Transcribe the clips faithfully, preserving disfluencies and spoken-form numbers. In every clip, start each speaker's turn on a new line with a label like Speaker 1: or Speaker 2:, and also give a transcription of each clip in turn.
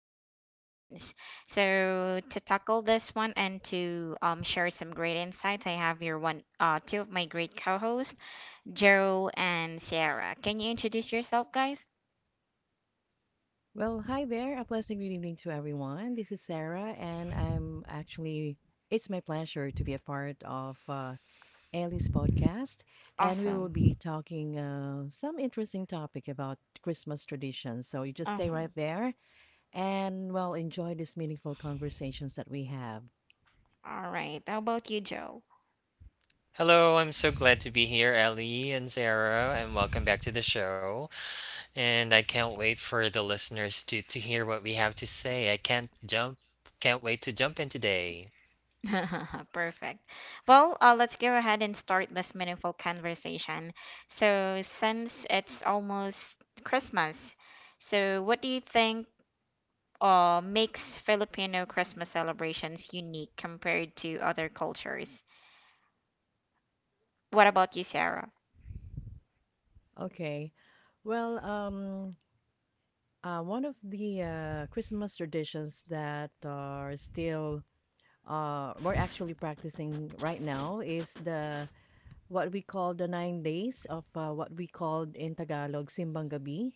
Speaker 1: um traditions. So to tackle this one and to um, share some great insights, I have your one uh, two of my great co-hosts. Gerald and Sierra. Can you introduce yourself, guys?
Speaker 2: Well, hi there. A pleasant good evening to everyone. This is Sarah, and I'm actually, it's my pleasure to be a part of uh, Ellie's podcast. And we will
Speaker 1: Awesome.
Speaker 2: be talking uh, some interesting topic about Christmas traditions. So you just stay
Speaker 1: Uh-huh.
Speaker 2: right there and, well, enjoy these meaningful conversations that we have.
Speaker 1: All right. How about you, Joe?
Speaker 3: Hello, I'm so glad to be here, Ellie and Sarah, and welcome back to the show. And I can't wait for the listeners to to hear what we have to say. I can't jump, Can't wait to jump in today.
Speaker 1: Perfect. Well, uh, let's go ahead and start this meaningful conversation. So, since it's almost Christmas, so what do you think uh, makes Filipino Christmas celebrations unique compared to other cultures? What about you, Sarah?
Speaker 2: Okay. Well, um, uh, one of the uh, Christmas traditions that are still uh, we're actually practicing right now is the what we call the nine days of uh, what we called in Tagalog Simbang Gabi.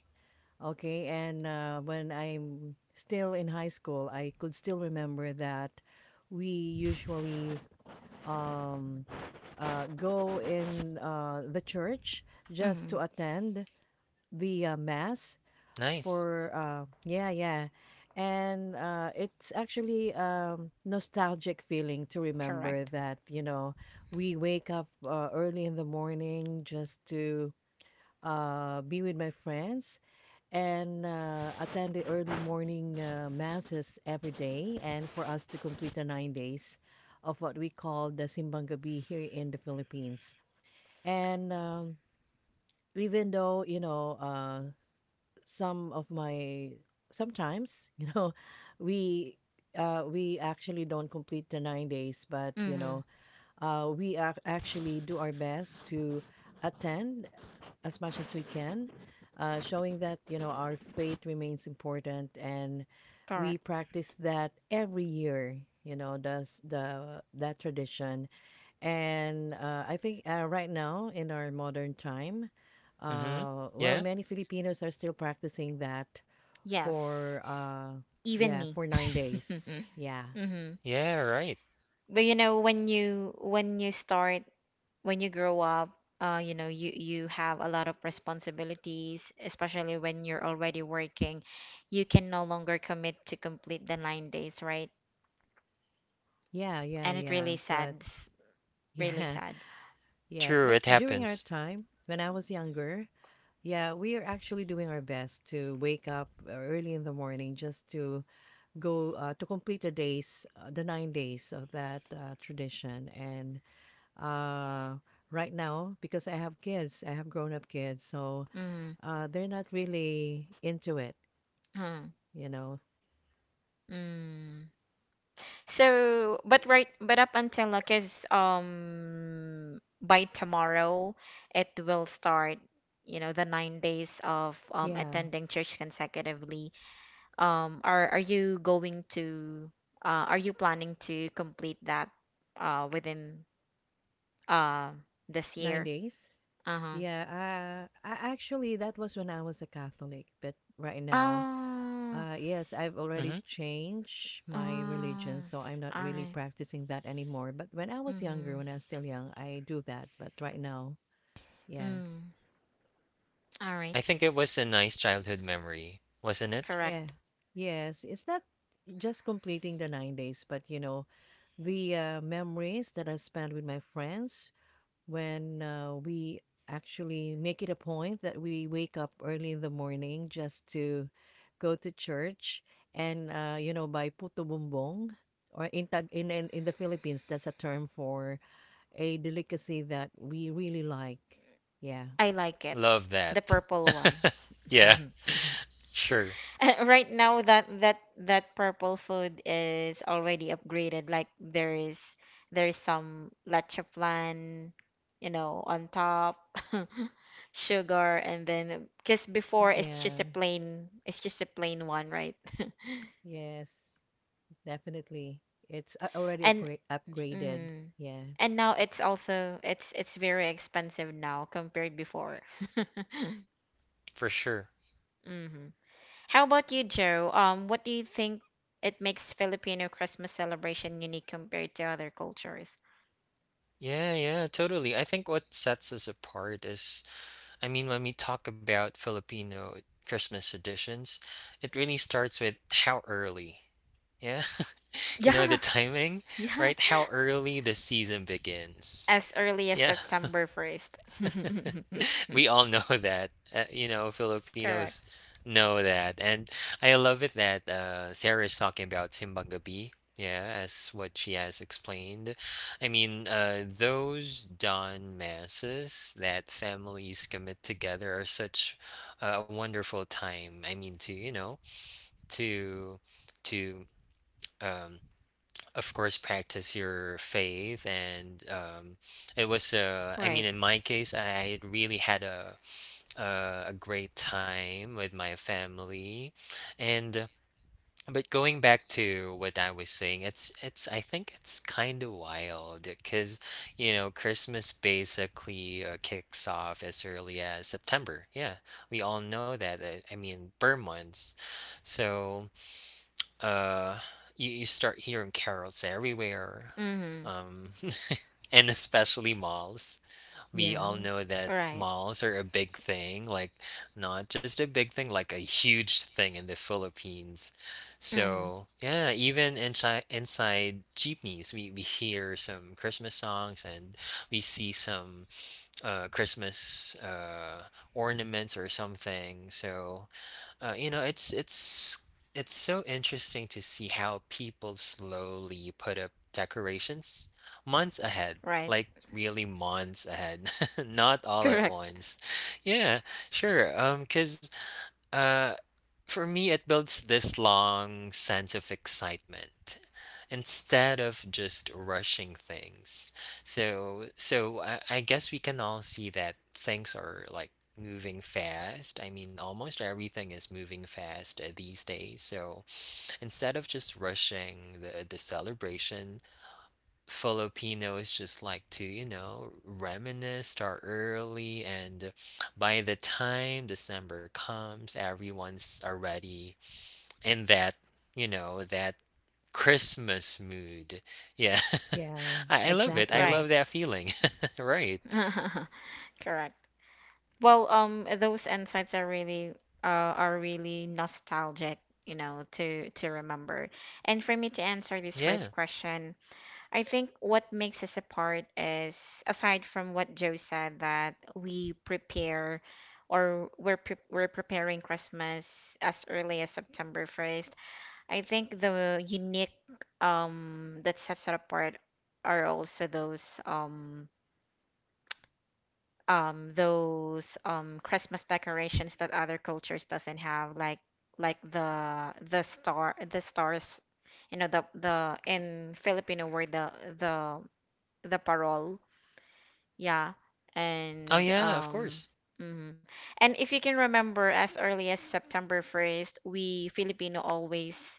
Speaker 2: Okay, and uh, when I'm still in high school, I could still remember that we usually um, uh, go in uh, the church just
Speaker 1: Mm-hmm.
Speaker 2: to attend the uh, mass
Speaker 3: Nice.
Speaker 2: for uh yeah yeah and uh it's actually um nostalgic feeling to remember
Speaker 1: Correct.
Speaker 2: that you know We wake up uh, early in the morning just to uh be with my friends and uh, attend the early morning uh, masses every day and for us to complete the nine days of what we call the simbang gabi here in the philippines And um even though you know uh some of my sometimes you know we uh we actually don't complete the nine days but you
Speaker 1: Mm-hmm.
Speaker 2: know uh, We ac actually do our best to attend as much as we can, uh, showing that, you know, our faith remains important and we
Speaker 1: Correct.
Speaker 2: practice that every year, you know, does the that tradition. And uh, I think uh, right now in our modern time,
Speaker 3: Mm-hmm.
Speaker 2: uh,
Speaker 3: Yeah.
Speaker 2: well, many Filipinos are still practicing that
Speaker 1: Yes.
Speaker 2: for uh,
Speaker 1: Even
Speaker 2: yeah,
Speaker 1: me.
Speaker 2: for nine days. Yeah,
Speaker 1: Hmm.
Speaker 3: Yeah. Right.
Speaker 1: But you know, when you when you start when you grow up, uh, you know, you you have a lot of responsibilities, especially when you're already working. You can no longer commit to complete the nine days, right?
Speaker 2: yeah, yeah,
Speaker 1: And it really
Speaker 2: yeah. But
Speaker 1: sads, really
Speaker 2: yeah,
Speaker 1: sad.
Speaker 2: yes,
Speaker 3: True.
Speaker 2: but
Speaker 3: It
Speaker 2: during our
Speaker 3: happens.
Speaker 2: time, when I was younger, yeah, we are actually doing our best to wake up uh, early in the morning just to go uh, to complete the days, uh, the nine days of that uh, tradition. And uh, right now, because I have kids, I have grown up kids, so
Speaker 1: Mm-hmm.
Speaker 2: uh, they're not really into it, you know.
Speaker 1: Mm-hmm. So, but right, but up until like is um by tomorrow, it will start. You know, the nine days of um
Speaker 2: Yeah,
Speaker 1: attending church consecutively. Um, are are you going to? Uh, are you planning to complete that? Uh, within uh this
Speaker 2: nine
Speaker 1: year.
Speaker 2: days.
Speaker 1: Uh-huh.
Speaker 2: Yeah, uh, I actually that was when I was a Catholic, but right now
Speaker 1: Oh.
Speaker 2: Uh, yes, I've
Speaker 3: Mm-hmm.
Speaker 2: already changed
Speaker 1: Oh.
Speaker 2: my
Speaker 1: All
Speaker 2: religion, so I'm not really
Speaker 1: right.
Speaker 2: practicing that anymore. But when I was
Speaker 1: Mm-hmm.
Speaker 2: younger, when I was still young, I do that. But right now, yeah,
Speaker 1: Mm. All right.
Speaker 3: I think it was a nice childhood memory, wasn't it?
Speaker 2: yeah,
Speaker 1: Correct.
Speaker 2: yes, it's not just completing the nine days, but you know, the uh, memories that I spent with my friends when uh, we actually make it a point that we wake up early in the morning just to go to church and uh, you know buy puto bumbong or in, Tag- in in in the Philippines that's a term for a delicacy that we really like. Yeah.
Speaker 1: I like it.
Speaker 3: Love
Speaker 1: The
Speaker 3: that.
Speaker 1: purple one.
Speaker 3: Yeah. Sure.
Speaker 1: Right now that that that purple food is already upgraded, like there is there is some leche plan, you know, on top. Sugar, and then because before it's
Speaker 2: Yeah.
Speaker 1: just a plain, it's just a plain one, right?
Speaker 2: Yes. Definitely. It's a- already
Speaker 1: And
Speaker 2: upgra- upgraded.
Speaker 1: mm,
Speaker 2: Yeah.
Speaker 1: and now it's also it's it's very expensive now compared before.
Speaker 3: For sure.
Speaker 1: Hmm. How about you, Joe? Um, what do you think it makes Filipino Christmas celebration unique compared to other cultures?
Speaker 3: Yeah. Yeah. Totally. I think what sets us apart is I mean, when we talk about Filipino Christmas traditions, it really starts with how early. Yeah. You know, the
Speaker 1: Yeah,
Speaker 3: timing,
Speaker 1: yeah.
Speaker 3: right? How early the season begins.
Speaker 1: As early as
Speaker 3: Yeah.
Speaker 1: September first.
Speaker 3: We all know that. Uh, you know, Filipinos
Speaker 1: Correct.
Speaker 3: know that. And I love it that uh, Sarah is talking about Simbang Gabi, yeah, as what she has explained. I mean, uh, those dawn masses that families commit together are such uh, a wonderful time. I mean, to, you know, to, to, um, of course, practice your faith and um, it was uh, I mean,
Speaker 1: Right.
Speaker 3: in my case, I really had a uh, a great time with my family and uh, but going back to what I was saying, it's it's I think it's kind of wild because, you know, Christmas basically uh, kicks off as early as September. Yeah, we all know that. uh, I mean, burn months. So uh you, you start hearing carols everywhere,
Speaker 1: Mm-hmm.
Speaker 3: um and especially malls. We all
Speaker 2: Yeah.
Speaker 3: know that
Speaker 1: Right.
Speaker 3: malls are a big thing, like not just a big thing, like a huge thing in the Philippines.
Speaker 1: Mm-hmm.
Speaker 3: So yeah, even inside inside jeepneys, we, we hear some Christmas songs and we see some uh, Christmas uh, ornaments or something. So uh, you know, it's it's it's so interesting to see how people slowly put up decorations months ahead,
Speaker 1: Right.
Speaker 3: like really months ahead, not all at
Speaker 1: Correct.
Speaker 3: once. Yeah, sure. Um, 'cause uh, for me, it builds this long sense of excitement instead of just rushing things. So, so I, I guess we can all see that things are like moving fast. I mean, almost everything is moving fast uh, these days. So instead of just rushing the the celebration, Filipinos just like to, you know, reminisce, start early, and by the time December comes, everyone's already in that, you know, that Christmas mood. Yeah.
Speaker 2: Yeah.
Speaker 3: I, I love it. I
Speaker 2: Exactly.
Speaker 1: Right.
Speaker 3: love that feeling. Right.
Speaker 1: Correct. Well, um, those insights are really uh are really nostalgic, you know, to to remember. And for me to answer this
Speaker 3: Yeah.
Speaker 1: first question, I think what makes us apart is, aside from what Joe said, that we prepare or we're, pre- we're preparing Christmas as early as September first. I think the unique um, that sets it apart are also those um, um, those um, Christmas decorations that other cultures doesn't have, like like the the star the stars, you know, the the in Filipino word, the the the parol. Yeah,
Speaker 3: Oh,
Speaker 1: and
Speaker 3: yeah, of course.
Speaker 1: um, mhm. And if you can remember, as early as September first, we Filipino always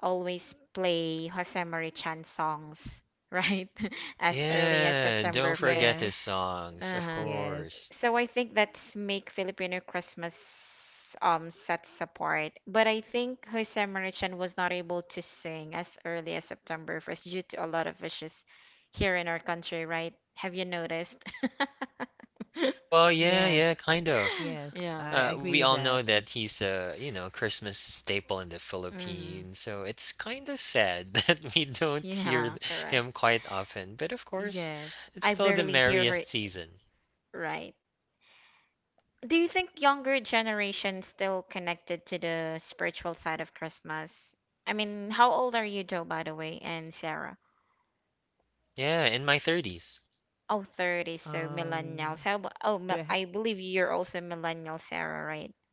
Speaker 1: always play Jose Marichan songs, right? As early as
Speaker 3: Yeah, don't
Speaker 1: September first.
Speaker 3: forget his
Speaker 2: Yes.
Speaker 3: songs, of
Speaker 1: Uh-huh.
Speaker 2: Yes.
Speaker 3: course.
Speaker 1: So I think that's make Filipino Christmas um sets apart. But I think Jose Marichan was not able to sing as early as September first due to a lot of issues here in our country, right? Have you noticed?
Speaker 3: Well, yeah, yeah,
Speaker 2: Yes.
Speaker 3: kind of.
Speaker 2: Yes,
Speaker 1: Yeah.
Speaker 2: I
Speaker 3: Uh, we
Speaker 2: agree with
Speaker 3: all know
Speaker 2: that.
Speaker 3: that he's a, you know, Christmas staple in the
Speaker 1: Hmm.
Speaker 3: Philippines, so it's kind of sad that we don't hear
Speaker 1: Yeah,
Speaker 3: th-
Speaker 1: correct.
Speaker 3: him quite often. But of course,
Speaker 1: Yes.
Speaker 3: it's
Speaker 1: I
Speaker 3: still the
Speaker 1: barely hear her,
Speaker 3: merriest season.
Speaker 1: right. Do you think younger generation still connected to the spiritual side of Christmas? I mean, how old are you, Joe, by the way, and Sarah?
Speaker 3: Yeah, in my thirties.
Speaker 1: Oh, thirty. So
Speaker 2: Um,
Speaker 1: millennials. How about, oh,
Speaker 2: do
Speaker 1: mil-
Speaker 2: I ha-
Speaker 1: I believe you're also millennial, Sarah, right?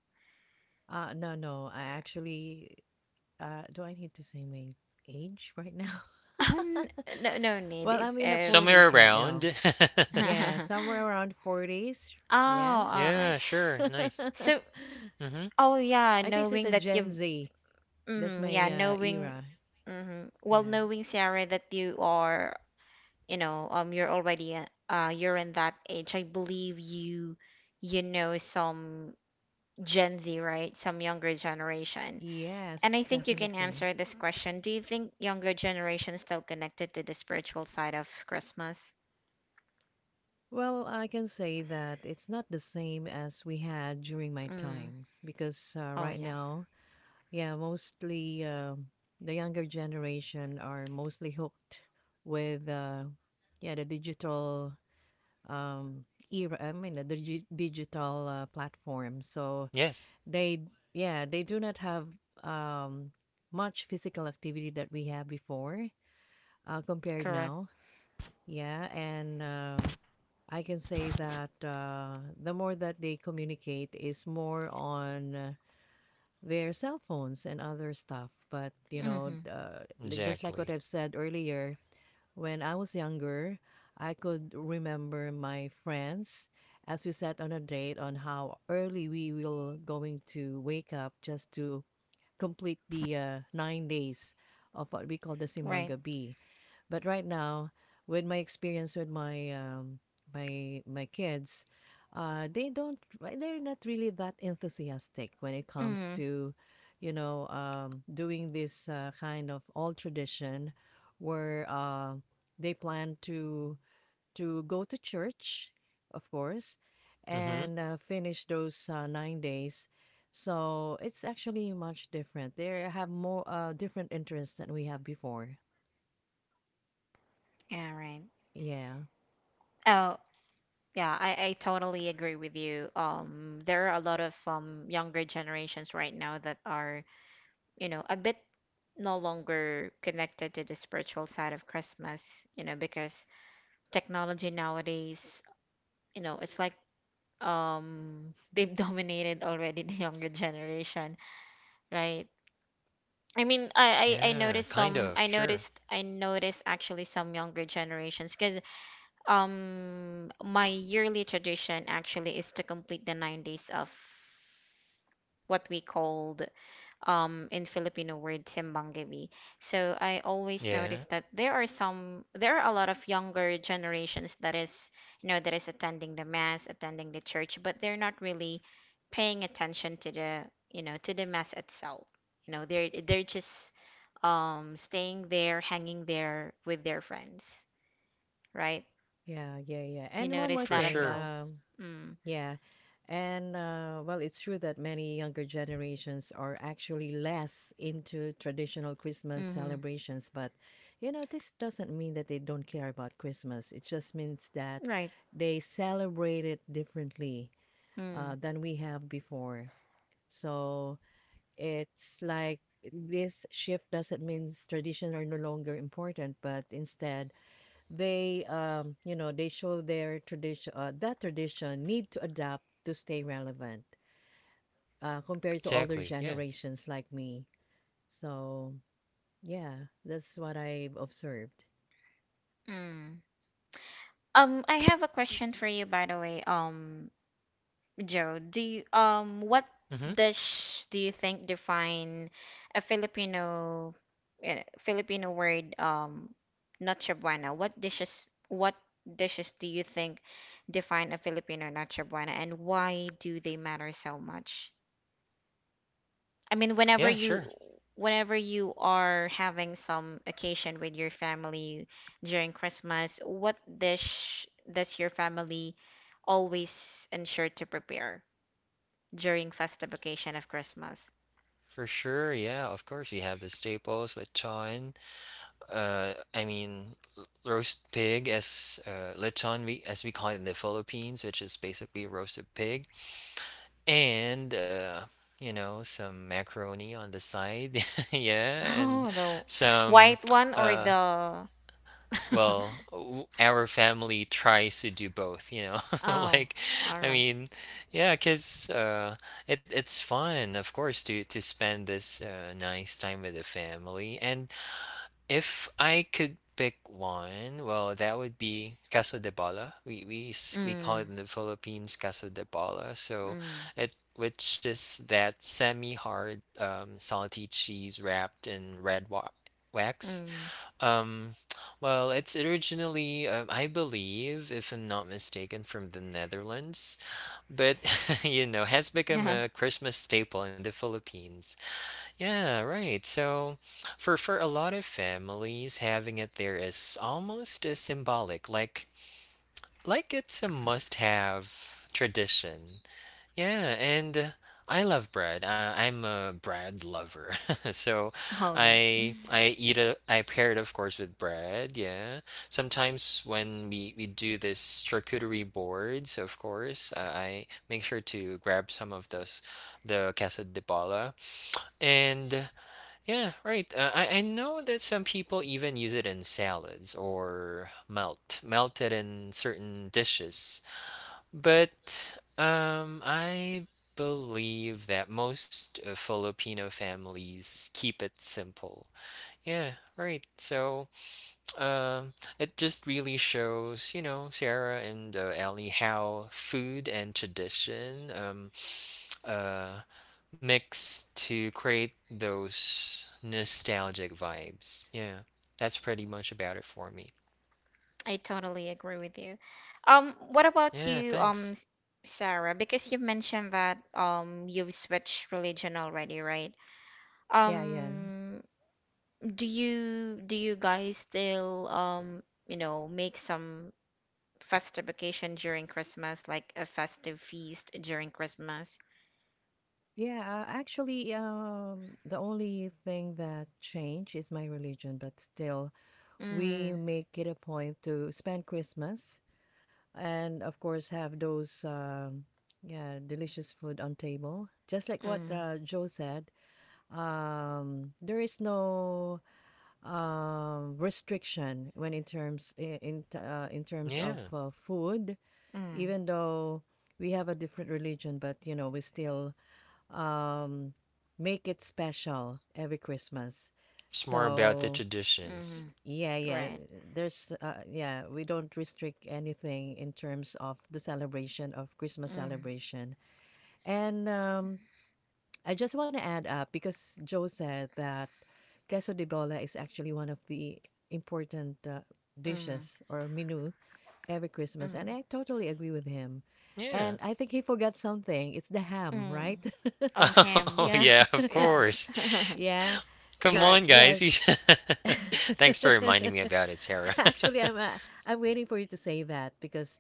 Speaker 2: uh no, no, I actually uh do I need to say my age right now?
Speaker 1: Oh, n- no, no need
Speaker 2: Well,
Speaker 1: if,
Speaker 2: I'm in the
Speaker 1: if
Speaker 3: Somewhere
Speaker 2: forties right
Speaker 3: around.
Speaker 2: now. Yeah,
Speaker 1: Oh,
Speaker 2: somewhere around forties. Yeah.
Speaker 1: all right.
Speaker 3: Yeah, sure. Nice.
Speaker 2: I
Speaker 1: So,
Speaker 3: Mm-hmm.
Speaker 1: oh yeah,
Speaker 2: think it's
Speaker 1: knowing
Speaker 2: a
Speaker 1: that
Speaker 2: Gen
Speaker 1: you've
Speaker 2: Z. That's
Speaker 1: mm-hmm,
Speaker 2: my
Speaker 1: yeah,
Speaker 2: uh,
Speaker 1: knowing,
Speaker 2: era.
Speaker 1: mm-hmm. Well,
Speaker 2: Yeah.
Speaker 1: knowing Sarah that you are, you know, um, you're already, a- uh, you're in that age. I believe you, you know, some Gen Z, right? Some younger generation. And I
Speaker 2: Yes,
Speaker 1: think you can
Speaker 2: definitely.
Speaker 1: answer this question. Do you think younger generation is still connected to the spiritual side of Christmas?
Speaker 2: Well, I can say that it's not the same as we had during my
Speaker 1: Mm.
Speaker 2: time because uh,
Speaker 1: Oh,
Speaker 2: right
Speaker 1: yeah,
Speaker 2: now yeah, mostly um, the younger generation are mostly hooked with uh, yeah the digital um, era. I mean the digi- digital uh, platform. So
Speaker 3: Yes,
Speaker 2: they yeah they do not have um, much physical activity that we have before uh, compared
Speaker 1: correct.
Speaker 2: now. Yeah, and um, I can say that uh, the more that they communicate is more on. Uh, their cell phones and other stuff. But, you know,
Speaker 1: Mm-hmm.
Speaker 2: uh, just like what
Speaker 3: exactly.
Speaker 2: I've said earlier, when I was younger, I could remember my friends as we sat on a date on how early we will going to wake up just to complete the uh, nine days of what we call the Simbang
Speaker 1: Right.
Speaker 2: Gabi. But right now, with my experience with my um, my my kids, uh, they don't right, they're not really that enthusiastic when it comes
Speaker 1: Mm-hmm.
Speaker 2: to, you know, um, doing this uh, kind of old tradition, where uh, they plan to to go to church, of course,
Speaker 3: Mm-hmm.
Speaker 2: and uh, finish those uh, nine days. So it's actually much different. They have more uh, different interests than we have before.
Speaker 1: Yeah, right.
Speaker 2: Yeah.
Speaker 1: Oh, yeah, I, I totally agree with you. Um, there are a lot of um, younger generations right now that are, you know, a bit no longer connected to the spiritual side of Christmas, you know, because technology nowadays, you know, it's like um they've dominated already the younger generation, right? I mean, I, I, I
Speaker 3: Yeah,
Speaker 1: noticed
Speaker 3: kind
Speaker 1: some,
Speaker 3: of.
Speaker 1: I
Speaker 3: Sure.
Speaker 1: noticed I noticed actually some younger generations because Um, my yearly tradition actually is to complete the nine days of what we called um in Filipino word simbang gabi. So I always notice
Speaker 3: Yeah,
Speaker 1: that there are some there are a lot of younger generations that is, you know, that is attending the mass, attending the church, but they're not really paying attention to the, you know, to the mass itself. You know, they're they're just um staying there, hanging there with their friends, right?
Speaker 2: Yeah, yeah, yeah.
Speaker 1: You
Speaker 2: and one
Speaker 1: notice
Speaker 2: more
Speaker 3: for
Speaker 1: that as
Speaker 2: thing,
Speaker 3: sure.
Speaker 1: well.
Speaker 2: um,
Speaker 1: Mm.
Speaker 2: yeah. And uh, well, it's true that many younger generations are actually less into traditional Christmas
Speaker 1: Mm-hmm.
Speaker 2: celebrations, but you know, this doesn't mean that they don't care about Christmas. It just means that
Speaker 1: Right.
Speaker 2: they celebrate it differently uh,
Speaker 1: Mm.
Speaker 2: than we have before. So it's like this shift doesn't mean traditions are no longer important, but instead, they um you know they show their tradition uh, that tradition need to adapt to stay relevant uh, compared to older
Speaker 3: Exactly. Yeah.
Speaker 2: generations like me so yeah that's what I've observed.
Speaker 1: Mm. Um, I have a question for you, by the way. Um, Joe, do you um what
Speaker 3: Mm-hmm.
Speaker 1: dish do you think define a Filipino uh, Filipino word um noche buena? What dishes what dishes do you think define a Filipino noche buena, and why do they matter so much? I mean,
Speaker 3: Yeah,
Speaker 1: whenever
Speaker 3: sure.
Speaker 1: you whenever you are having some occasion with your family during Christmas, what dish does your family always ensure to prepare during festive occasion of Christmas?
Speaker 3: For sure. Yeah, of course. We have the staples, lechon. Uh, I mean, l- roast pig, as uh, lechon we as we call it in the Philippines, which is basically roasted pig, and uh, you know, some macaroni on the side, yeah, and
Speaker 1: Oh, the
Speaker 3: some
Speaker 1: white one or
Speaker 3: uh.
Speaker 1: the
Speaker 3: Well, w- our family tries to do both, you know.
Speaker 1: Oh,
Speaker 3: Like,
Speaker 1: all
Speaker 3: I
Speaker 1: right.
Speaker 3: mean, yeah, cause uh, it it's fun, of course, to to spend this uh, nice time with the family, and if I could pick one, well, that would be Queso de Bola. We we s- we call
Speaker 1: Mm,
Speaker 3: it in the Philippines Queso de Bola. So
Speaker 1: mm,
Speaker 3: it which is that semi-hard um, salty cheese wrapped in red wa wax.
Speaker 1: mm.
Speaker 3: Um, well, it's originally, um, I believe, if I'm not mistaken, from the Netherlands, but you know, has become
Speaker 1: Yeah.
Speaker 3: a Christmas staple in the Philippines. Yeah, right. So for for a lot of families, having it there is almost a symbolic, like like it's a must-have tradition. Yeah, and uh, I love bread. Uh, I'm a bread lover. So
Speaker 1: Oh, yeah.
Speaker 3: I I eat a I pair it, of course, with bread, yeah. Sometimes when we we do this charcuterie boards, of course, uh, I make sure to grab some of those the queso de bola. And yeah, right. Uh, I, I know that some people even use it in salads or melt, melted in certain dishes. But um, I believe that most uh, Filipino families keep it simple. Yeah, right. So um, it just really shows, you know, Sarah and uh, Ellie, how food and tradition um, uh, mix to create those nostalgic vibes. Yeah, that's pretty much about it for me.
Speaker 1: I totally agree with you. Um, what about
Speaker 3: Yeah,
Speaker 1: you, um,
Speaker 3: thanks.
Speaker 1: S- Sarah? Because you mentioned that um you've switched religion already, right?
Speaker 2: yeah yeah
Speaker 1: Um, do you do you guys still um you know, make some festive occasion during Christmas, like a festive feast during Christmas?
Speaker 2: yeah uh, Actually um the only thing that changed is my religion but still we
Speaker 1: Mm,
Speaker 2: make it a point to spend Christmas and of course have those um yeah delicious food on table just like what
Speaker 1: mm,
Speaker 2: uh, Joe said. Um there is no um restriction when in terms in in, t- uh, in terms of
Speaker 3: Yeah,
Speaker 2: uh, food
Speaker 1: mm,
Speaker 2: even though we have a different religion but you know we still um make it special every Christmas
Speaker 3: it's more about the
Speaker 2: so
Speaker 3: traditions.
Speaker 1: mm,
Speaker 2: yeah yeah
Speaker 1: right.
Speaker 2: there's uh, yeah we don't restrict anything in terms of the celebration of Christmas
Speaker 1: Mm,
Speaker 2: celebration and um I just want to add up because Joe said that queso de bola is actually one of the important uh,
Speaker 1: mm,
Speaker 2: dishes or menu every Christmas,
Speaker 1: mm,
Speaker 2: and I totally agree with him.
Speaker 3: Yeah.
Speaker 2: And I think he forgot something. It's the ham,
Speaker 1: mm.
Speaker 2: right?
Speaker 1: Oh,
Speaker 3: Oh,
Speaker 1: him.
Speaker 2: yeah,
Speaker 3: yeah, of
Speaker 1: Yeah.
Speaker 3: course.
Speaker 2: yeah.
Speaker 3: Come
Speaker 2: Bec-
Speaker 3: on,
Speaker 1: Correct.
Speaker 3: guys. You
Speaker 2: yes,
Speaker 3: should... Thanks for reminding me about it, Sarah.
Speaker 2: actually, I'm uh, I'm waiting for you to say that because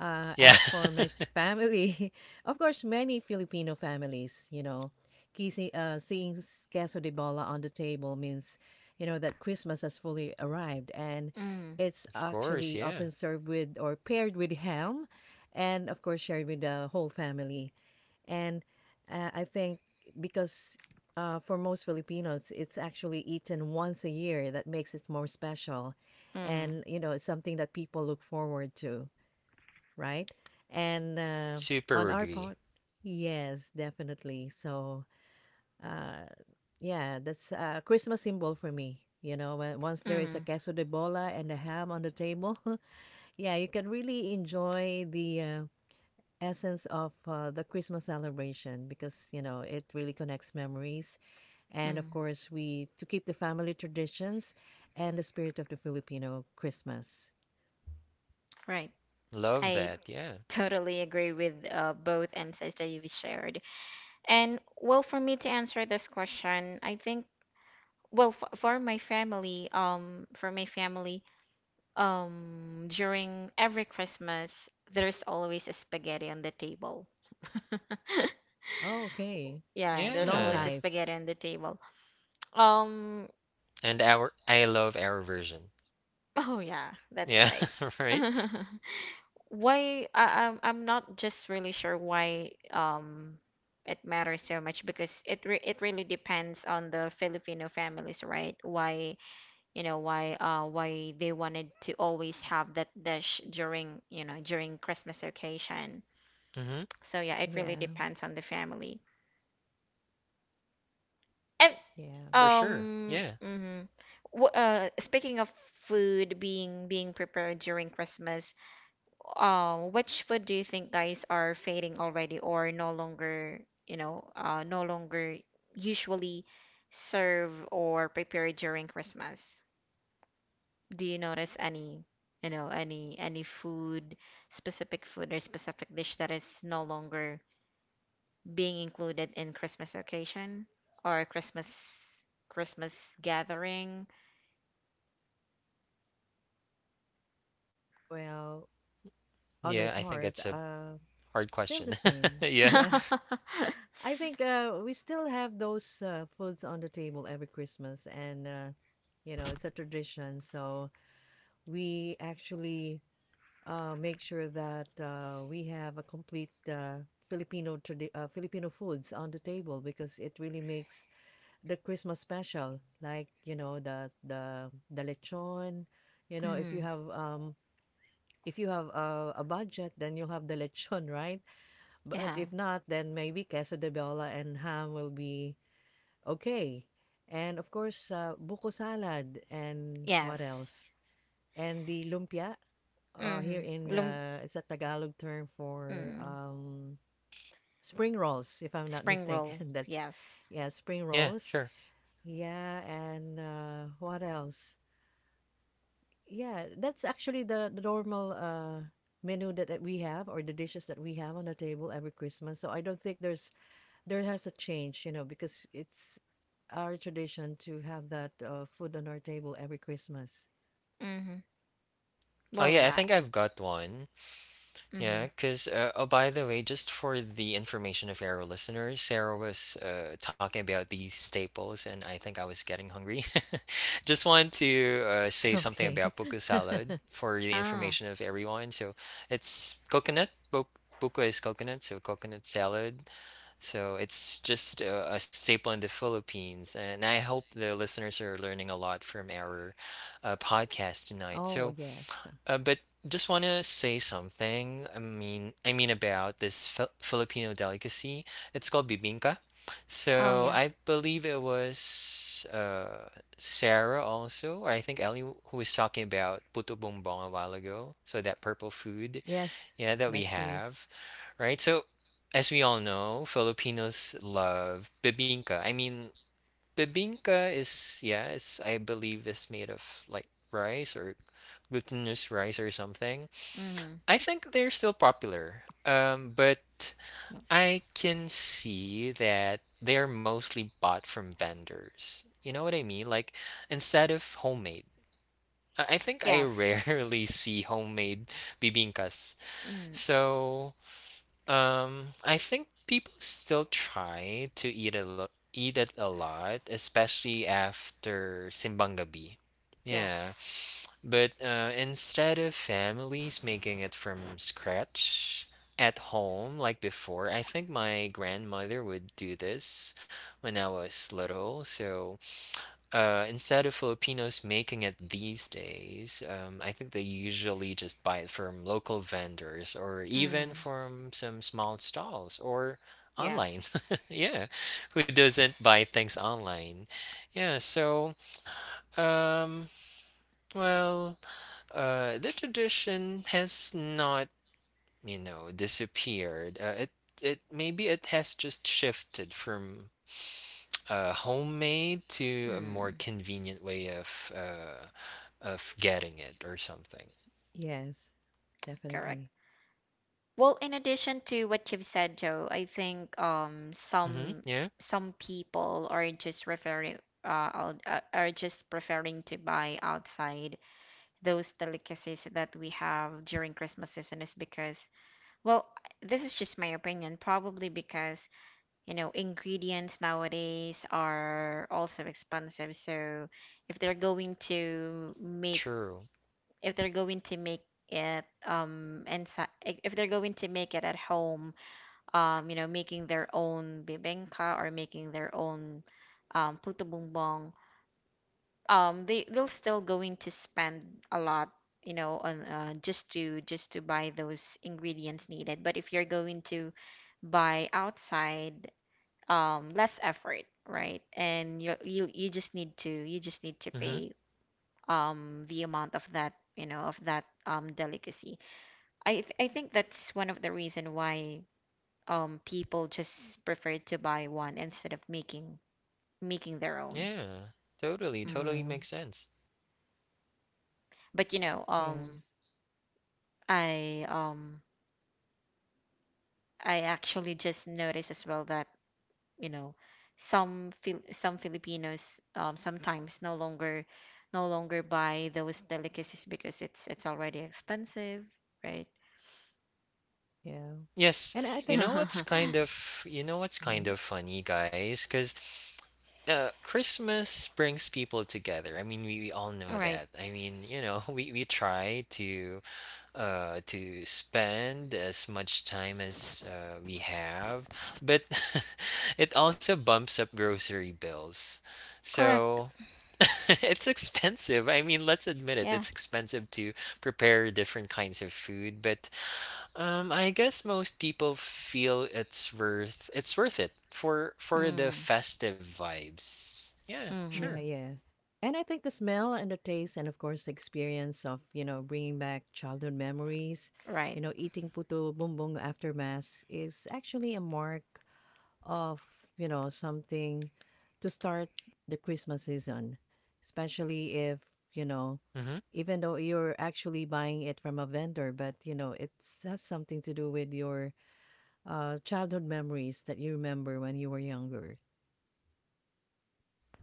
Speaker 2: uh,
Speaker 3: Yeah.
Speaker 2: as for
Speaker 3: Of
Speaker 2: my family, of course, many Filipino families, you know, kissing, uh, seeing s- queso de bola on the table means, you know, that Christmas has fully arrived, and
Speaker 1: Mm,
Speaker 2: it's
Speaker 3: course,
Speaker 2: actually
Speaker 3: yeah.
Speaker 2: often served with or paired with ham, and of course shared with the whole family. And uh, I think because uh, for most Filipinos, it's actually eaten once a year that makes it more special.
Speaker 1: mm.
Speaker 2: And, you know, it's something that people look forward to, right? And uh, on
Speaker 3: Super
Speaker 2: our
Speaker 3: agree.
Speaker 2: part, yes, definitely. So, uh, yeah, that's a Christmas symbol for me. You know, when, once there is a
Speaker 1: Mm,
Speaker 2: queso de bola and a ham on the table, yeah, you can really enjoy the uh, essence of uh, the Christmas celebration because you know it really connects memories, and of
Speaker 1: mm,
Speaker 2: course we to keep the family traditions and the spirit of the Filipino Christmas.
Speaker 1: right.
Speaker 3: Love
Speaker 1: I
Speaker 3: that. Yeah.
Speaker 1: totally agree with uh, both insights that you've shared. And well, for me to answer this question, I think well f for my family, um, for my family, um, during every Christmas, there's always a spaghetti on the table.
Speaker 2: Oh, okay,
Speaker 1: Yeah, there's
Speaker 2: long
Speaker 1: always a
Speaker 3: Yeah.
Speaker 2: life.
Speaker 1: spaghetti on the table. Um,
Speaker 3: And our I love our version.
Speaker 1: oh yeah, that's
Speaker 3: Yeah,
Speaker 1: right.
Speaker 3: right?
Speaker 1: Why, I, I'm I'm not just really sure why um it matters so much because it re it really depends on the Filipino families, right? Why, you know, why uh why they wanted to always have that dish during, you know, during Christmas occasion.
Speaker 3: Mhm.
Speaker 1: So yeah, it really
Speaker 2: Yeah,
Speaker 1: depends on the family. And
Speaker 2: yeah.
Speaker 3: For sure.
Speaker 1: um,
Speaker 3: Yeah.
Speaker 1: mhm. W uh, Speaking of food being being prepared during Christmas, um, which food do you think guys are fading already or no longer, you know, uh, no longer usually serve or prepare during Christmas? Do you notice any, you know, any any food, specific food or specific dish that is no longer being included in Christmas occasion or Christmas Christmas gathering?
Speaker 2: Well, on my
Speaker 3: Yeah, I think
Speaker 2: part,
Speaker 3: it's a
Speaker 2: uh,
Speaker 3: hard
Speaker 2: still
Speaker 3: question.
Speaker 2: the same.
Speaker 3: Yeah.
Speaker 2: Yeah, I think uh, we still have those uh, foods on the table every Christmas, and uh, you know it's a tradition. So we actually uh, make sure that uh, we have a complete uh, Filipino tradi- uh, Filipino foods on the table because it really makes the Christmas special. Like you know the the the lechon, you know if you
Speaker 1: Mm,
Speaker 2: have um if you have a, a budget then you'll have the lechon right. But
Speaker 1: yeah.
Speaker 2: if not, then maybe queso de bola and ham will be okay. And of course, uh, buko salad and what
Speaker 1: Yes.
Speaker 2: else? And the lumpia, uh, here
Speaker 1: Mm-hmm.
Speaker 2: in,
Speaker 1: Lum-
Speaker 2: uh, it's a Tagalog term for,
Speaker 1: mm.
Speaker 2: um, spring rolls, if I'm not
Speaker 1: Spring roll,
Speaker 2: mistaken. That's
Speaker 1: yes.
Speaker 2: yeah, spring
Speaker 3: Yeah,
Speaker 2: rolls.
Speaker 3: sure.
Speaker 2: Yeah, and, uh, what else? Yeah, that's actually the the normal, uh, menu that, that we have or the dishes that we have on the table every Christmas. So I don't think there's there has a change, you know, because it's our tradition to have that, uh, food on our table every Christmas.
Speaker 1: Mm-hmm.
Speaker 3: Oh,
Speaker 1: Well,
Speaker 3: yeah, I
Speaker 1: yeah.
Speaker 3: think I've got one.
Speaker 1: Mm-hmm.
Speaker 3: Yeah, 'cause uh, oh, by the way, just for the information of our listeners, Sarah was uh, talking about these staples, and I think I was getting hungry. Just want to uh, say something
Speaker 2: Okay.
Speaker 3: about buko salad for the
Speaker 1: Oh,
Speaker 3: information of everyone. So it's coconut. Buk buko is coconut, so coconut salad. So it's just a, a staple in the Philippines. And I hope the listeners are learning a lot from our uh, podcast tonight.
Speaker 2: Oh,
Speaker 3: So,
Speaker 2: yes.
Speaker 3: uh, but just want to say something. I mean, I mean, about this Fi- Filipino delicacy. It's called bibingka.
Speaker 1: oh
Speaker 3: So
Speaker 1: yeah.
Speaker 3: I believe it was uh, Sarah also, or I think Ellie, who was talking about puto bumbong a while ago. So that purple food
Speaker 2: Yes,
Speaker 3: yeah that we
Speaker 2: that's me.
Speaker 3: have, right? So as we all know, Filipinos love bibingka. I mean, bibingka is, yeah, it's, I believe, it's made of like rice or glutinous rice or something.
Speaker 1: Mm-hmm.
Speaker 3: I think they're still popular, um but I can see that they're mostly bought from vendors, you know what I mean, like instead of homemade. I I think I
Speaker 1: Yes.
Speaker 3: rarely see homemade bibingkas.
Speaker 1: Mm,
Speaker 3: So um, I think people still try to eat a lot, eat it a lot, especially after Simbang Gabi. Yeah,
Speaker 1: yes.
Speaker 3: but uh, instead of families making it from scratch at home like before, I think my grandmother would do this when I was little. So uh, instead of Filipinos making it these days, um, I think they usually just buy it from local vendors or even
Speaker 1: Mm,
Speaker 3: from some small stalls or online.
Speaker 1: yes.
Speaker 3: Yeah, who doesn't buy things online? Yeah, so um, well, uh, the tradition has not, you know, disappeared. Uh, it it maybe it has just shifted from uh, homemade to a more
Speaker 1: Mm,
Speaker 3: convenient way of uh, of getting it or something.
Speaker 2: Yes,
Speaker 1: correct.
Speaker 2: definitely.
Speaker 1: Well, in addition to what you've said, Joe, I think um
Speaker 3: hmm
Speaker 1: some
Speaker 3: Yeah,
Speaker 1: some people are just referring uh out- uh, are just preferring to buy outside those delicacies that we have during Christmas season is because, well, this is just my opinion, probably because, you know, ingredients nowadays are also expensive. So if they're going to make
Speaker 3: true.
Speaker 1: if they're going to make it um inside if they're going to make it at home, um, you know, making their own bibingka or making their own um puto bumbong, um they they'll still going to spend a lot, you know, on uh, just to just to buy those ingredients needed. But if you're going to buy outside, um less effort, right? And you you you just need to, you just need to
Speaker 3: hmm
Speaker 1: pay um the amount of that, you know, of that um delicacy. I th I think that's one of the reason why um people just prefer to buy one instead of making making their own.
Speaker 3: Yeah, totally, totally
Speaker 1: Mm.
Speaker 2: Yeah,
Speaker 3: makes sense.
Speaker 1: But you know, um
Speaker 2: yes,
Speaker 1: I um I actually just noticed as well that, you know, some Fil- some Filipinos um, sometimes no longer no longer buy those delicacies because it's it's already expensive, right?
Speaker 2: yeah.
Speaker 3: Yes,
Speaker 2: And I
Speaker 3: you
Speaker 2: think
Speaker 3: know what's kind of you know what's kind
Speaker 2: mhm,
Speaker 3: of funny, guys, because uh, Christmas brings people together. I mean, we, we all know
Speaker 1: Right.
Speaker 3: that. I mean, you know, we, we try to uh, to spend as much time as uh, we have, but it also bumps up grocery bills.
Speaker 1: Correct.
Speaker 3: So it's expensive. I mean, let's admit it,
Speaker 1: Yeah.
Speaker 3: it's expensive to prepare different kinds of food, but um, I guess most people feel it's worth it's worth it for for the
Speaker 1: Mm.
Speaker 3: festive vibes. Yeah, sure.
Speaker 2: yeah,
Speaker 1: Mm-hmm.
Speaker 2: yeah. And I think the smell and the taste and of course the experience of, you know, bringing back childhood memories,
Speaker 1: Right.
Speaker 2: you know, eating puto bumbong after mass is actually a mark of you know something to start the Christmas season, especially if you know
Speaker 3: Mm-hmm.
Speaker 2: even though you're actually buying it from a vendor, but you know it has something to do with your uh, childhood memories that you remember when you were younger.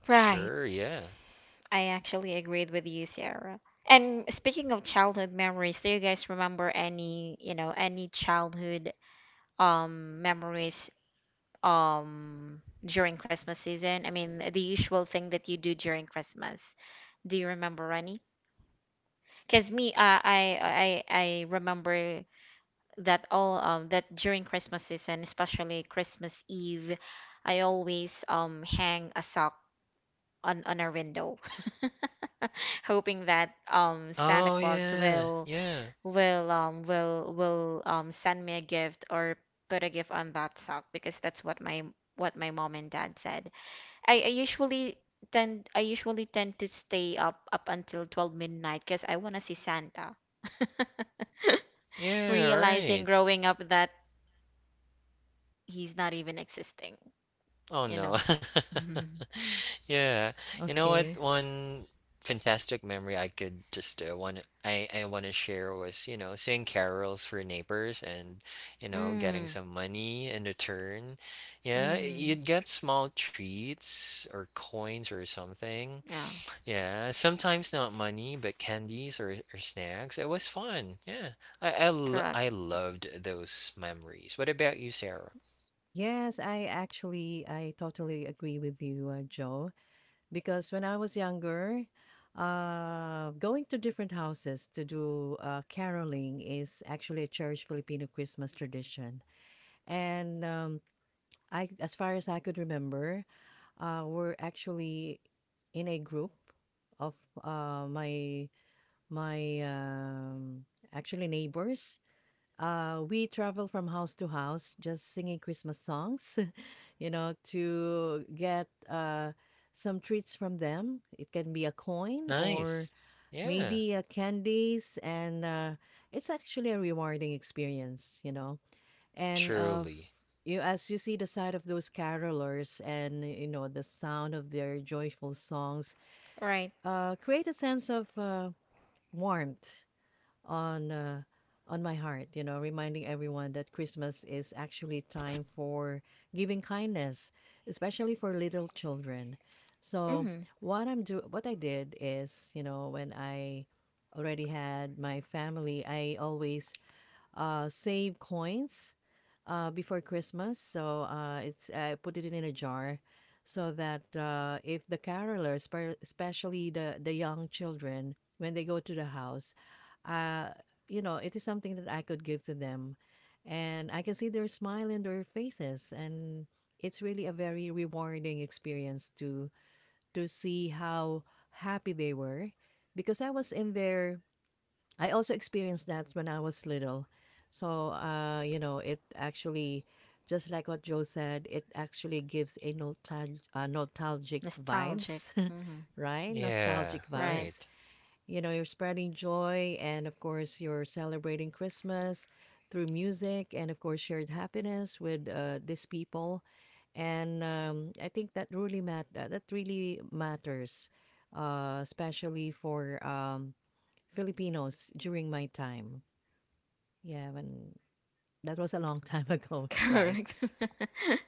Speaker 1: Right.
Speaker 3: Sure, yeah.
Speaker 1: I actually agreed with you, Sarah. And speaking of childhood memories, do you guys remember any, you know, any childhood um memories um during Christmas season? I mean, the usual thing that you do during Christmas. Do you remember Rani? Because me, uh, I, I, I remember that all um that during Christmas season, especially Christmas Eve, I always um hang a sock on on our window, hoping that um Santa
Speaker 3: Oh
Speaker 1: Claus
Speaker 3: yeah,
Speaker 1: will
Speaker 3: yeah,
Speaker 1: will um will will um send me a gift or put a gift on that sock, because that's what my what my mom and dad said. I, I usually tend I usually tend to stay up up until twelve midnight because I want to see Santa.
Speaker 3: yeah.
Speaker 1: Realizing
Speaker 3: Right.
Speaker 1: growing up that he's not even existing,
Speaker 3: Oh
Speaker 1: you
Speaker 3: no.
Speaker 1: know.
Speaker 3: Yeah. You know what?
Speaker 2: Okay.
Speaker 3: One fantastic memory I could just uh, one I I want to share was, you know, singing carols for neighbors and, you know, getting
Speaker 1: Mm,
Speaker 3: some money in return. Yeah,
Speaker 1: mm,
Speaker 3: you'd get small treats or coins or something.
Speaker 1: yeah,
Speaker 3: Yeah, sometimes not money, but candies or, or snacks. It was fun. Yeah. I I lo-
Speaker 1: correct.
Speaker 3: I loved those memories. What about you, Sarah?
Speaker 2: Yes, I actually I totally agree with you, uh, Joe. Because when I was younger, uh, going to different houses to do uh, caroling is actually a cherished Filipino Christmas tradition. And um, I, as far as I could remember, uh, we're actually in a group of uh, my my um, actually neighbors. Uh, we travel from house to house, just singing Christmas songs, you know, to get uh, some treats from them. It can be a coin or
Speaker 3: Nice. Yeah,
Speaker 2: maybe uh, candies, and uh, it's actually a rewarding experience, you know and uh, f-
Speaker 3: truly.
Speaker 2: you as you see the side of those carolers and you know the sound of their joyful songs
Speaker 1: Right.
Speaker 2: uh, create a sense of uh, warmth on uh, on my heart, you know, reminding everyone that Christmas is actually time for giving kindness, especially for little children. So
Speaker 1: Mm-hmm.
Speaker 2: what i'm do what I did is, you know, when I already had my family I always uh, save coins uh, before Christmas. So uh, it's I put it in a jar so that uh, if the carolers, especially the the young children, when they go to the house, uh, you know, it is something that I could give to them, and I can see their smile in their faces, and it's really a very rewarding experience to to see how happy they were because I was in their I also experienced that when I was little. So, uh, you know, it actually, just like what Joe said, it actually gives a nostalg- uh, nostalgic
Speaker 1: Nostalgic.
Speaker 2: vibes,
Speaker 1: Mm-hmm.
Speaker 2: right?
Speaker 3: Yeah,
Speaker 2: Nostalgic
Speaker 1: Right.
Speaker 3: right.
Speaker 2: vibes. You know, you're spreading joy, and of course, you're celebrating Christmas through music, and of course, shared happiness with uh, these people. And um, I think that really mat- that that really matters, uh, especially for um, Filipinos during my time. Yeah, when that was a long time ago, right?
Speaker 1: Correct.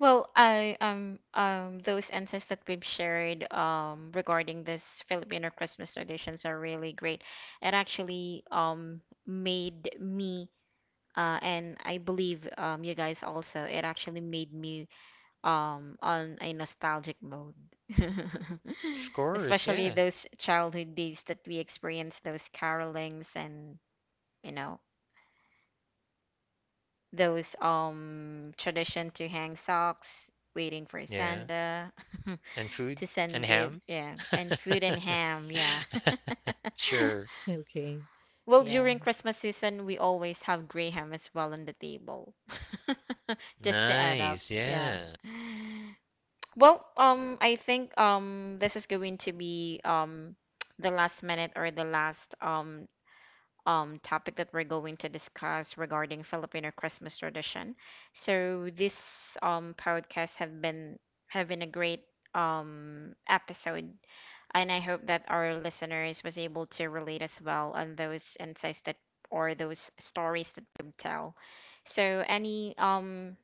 Speaker 1: Well, I um um those insights that we've shared um regarding this Filipino Christmas traditions are really great. It actually um made me uh and I believe um you guys also, it actually made me um on a nostalgic mode.
Speaker 3: Of course,
Speaker 1: Especially
Speaker 3: yeah.
Speaker 1: those childhood days that we experienced those carolings and, you know, those um tradition to hang socks, waiting for
Speaker 3: Yeah.
Speaker 1: Santa
Speaker 3: And food
Speaker 1: to
Speaker 3: and
Speaker 1: send
Speaker 3: ham.
Speaker 1: gift, yeah, and food and ham. Yeah.
Speaker 3: Sure.
Speaker 2: Okay.
Speaker 1: Well,
Speaker 2: Yeah.
Speaker 1: during Christmas season we always have gray ham as well on the table, just to
Speaker 3: Nice.
Speaker 1: add up. Yeah.
Speaker 3: Yeah.
Speaker 1: Well, um I think um this is going to be um the last minute or the last um um, topic that we're going to discuss regarding Filipino Christmas tradition. So this um, podcast have been having a great um, episode, and I hope that our listeners was able to relate as well on those insights that or those stories that we tell. So any um,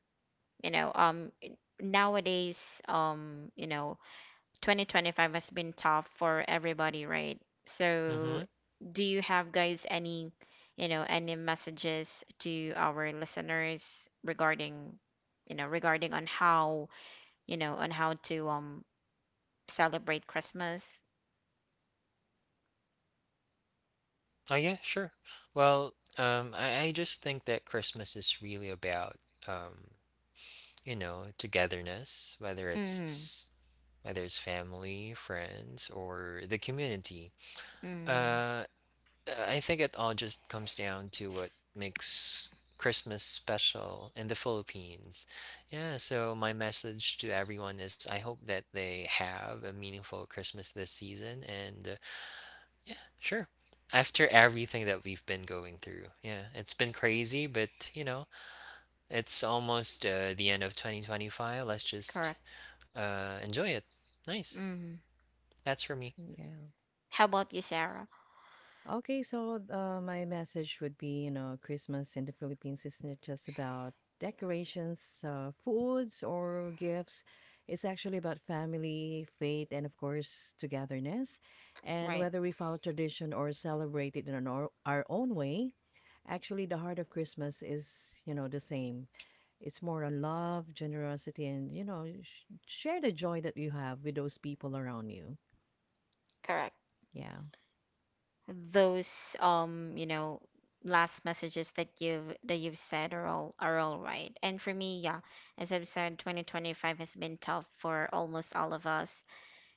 Speaker 1: you know um, nowadays um, you know, twenty twenty-five has been tough for everybody, right? So,
Speaker 3: Mm-hmm.
Speaker 1: do you have guys any, you know, any messages to our listeners regarding, you know, regarding on how, you know, on how to um celebrate Christmas?
Speaker 3: Oh yeah, sure. Well, um, I, I just think that Christmas is really about um, you know, togetherness, whether
Speaker 1: Mm,
Speaker 3: it's whether it's family, friends, or the community.
Speaker 1: mm,
Speaker 3: Uh Uh, I think it all just comes down to what makes Christmas special in the Philippines. Yeah, so my message to everyone is I hope that they have a meaningful Christmas this season. And uh, yeah, sure. After everything that we've been going through, yeah, it's been crazy, but you know, it's almost uh, the end of twenty twenty-five. Let's just
Speaker 1: correct.
Speaker 3: uh, enjoy it. Nice.
Speaker 1: Mm.
Speaker 3: That's for me.
Speaker 2: Yeah.
Speaker 1: How about you, Sarah?
Speaker 2: Okay, so uh, my message would be, you know, Christmas in the Philippines isn't just about decorations, uh, foods, or gifts. It's actually about family, faith, and of course, togetherness. And
Speaker 1: Right,
Speaker 2: whether we follow tradition or celebrate it in an or- our own way, actually, the heart of Christmas is, you know, the same. It's more on love, generosity, and, you know, sh- share the joy that you have with those people around you.
Speaker 1: correct.
Speaker 2: Yeah.
Speaker 1: Those, um you know, last messages that you've that you've said are all are all right. And for me, yeah, as I've said, twenty twenty-five has been tough for almost all of us.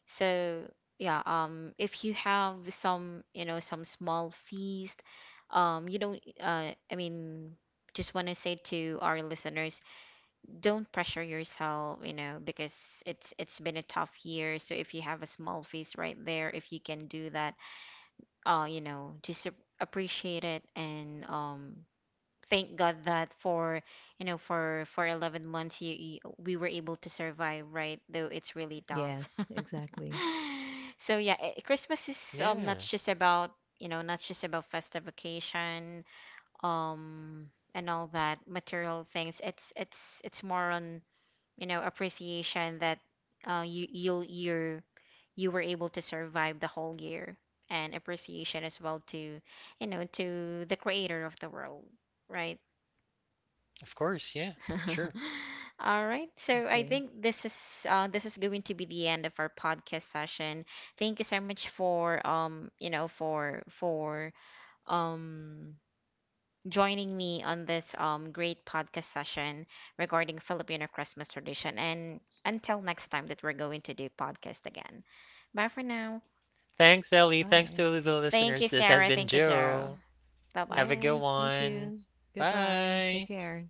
Speaker 1: So yeah, um if you have some, you know, some small feast, um you don't uh I mean just want to say to our listeners, don't pressure yourself, you know, because it's it's been a tough year. So if you have a small feast right there, if you can do that, uh, you know, just ap- appreciate it. And um, thank God that for, you know, for for eleven months you, you we were able to survive, right? Though it's really tough.
Speaker 2: Yes, exactly.
Speaker 1: So yeah, eh, Christmas is um not
Speaker 3: Yeah,
Speaker 1: just about, you know, not just about festive vacation um and all that material things. It's it's it's more on, you know, appreciation that uh, you you'll you're, you were able to survive the whole year, and appreciation as well to, you know, to the creator of the world, right?
Speaker 3: of course. Yeah, sure.
Speaker 1: All right, so I
Speaker 2: Okay.
Speaker 1: think this is uh, this is going to be the end of our podcast session. Thank you so much for, um, you know, for for um joining me on this um, great podcast session regarding Filipino Christmas tradition. And until next time that we're going to do podcast again. Bye for now.
Speaker 3: Thanks, Ellie. Thanks
Speaker 2: Bye.
Speaker 3: to the
Speaker 1: Thank you,
Speaker 3: listeners. This has
Speaker 1: Sarah.
Speaker 3: been
Speaker 1: Thank you, Joe.
Speaker 3: Joe.
Speaker 1: Bye bye.
Speaker 3: Have a good
Speaker 2: Yes, thank
Speaker 3: one.
Speaker 2: you. Goodbye. Take
Speaker 3: Bye.
Speaker 2: care.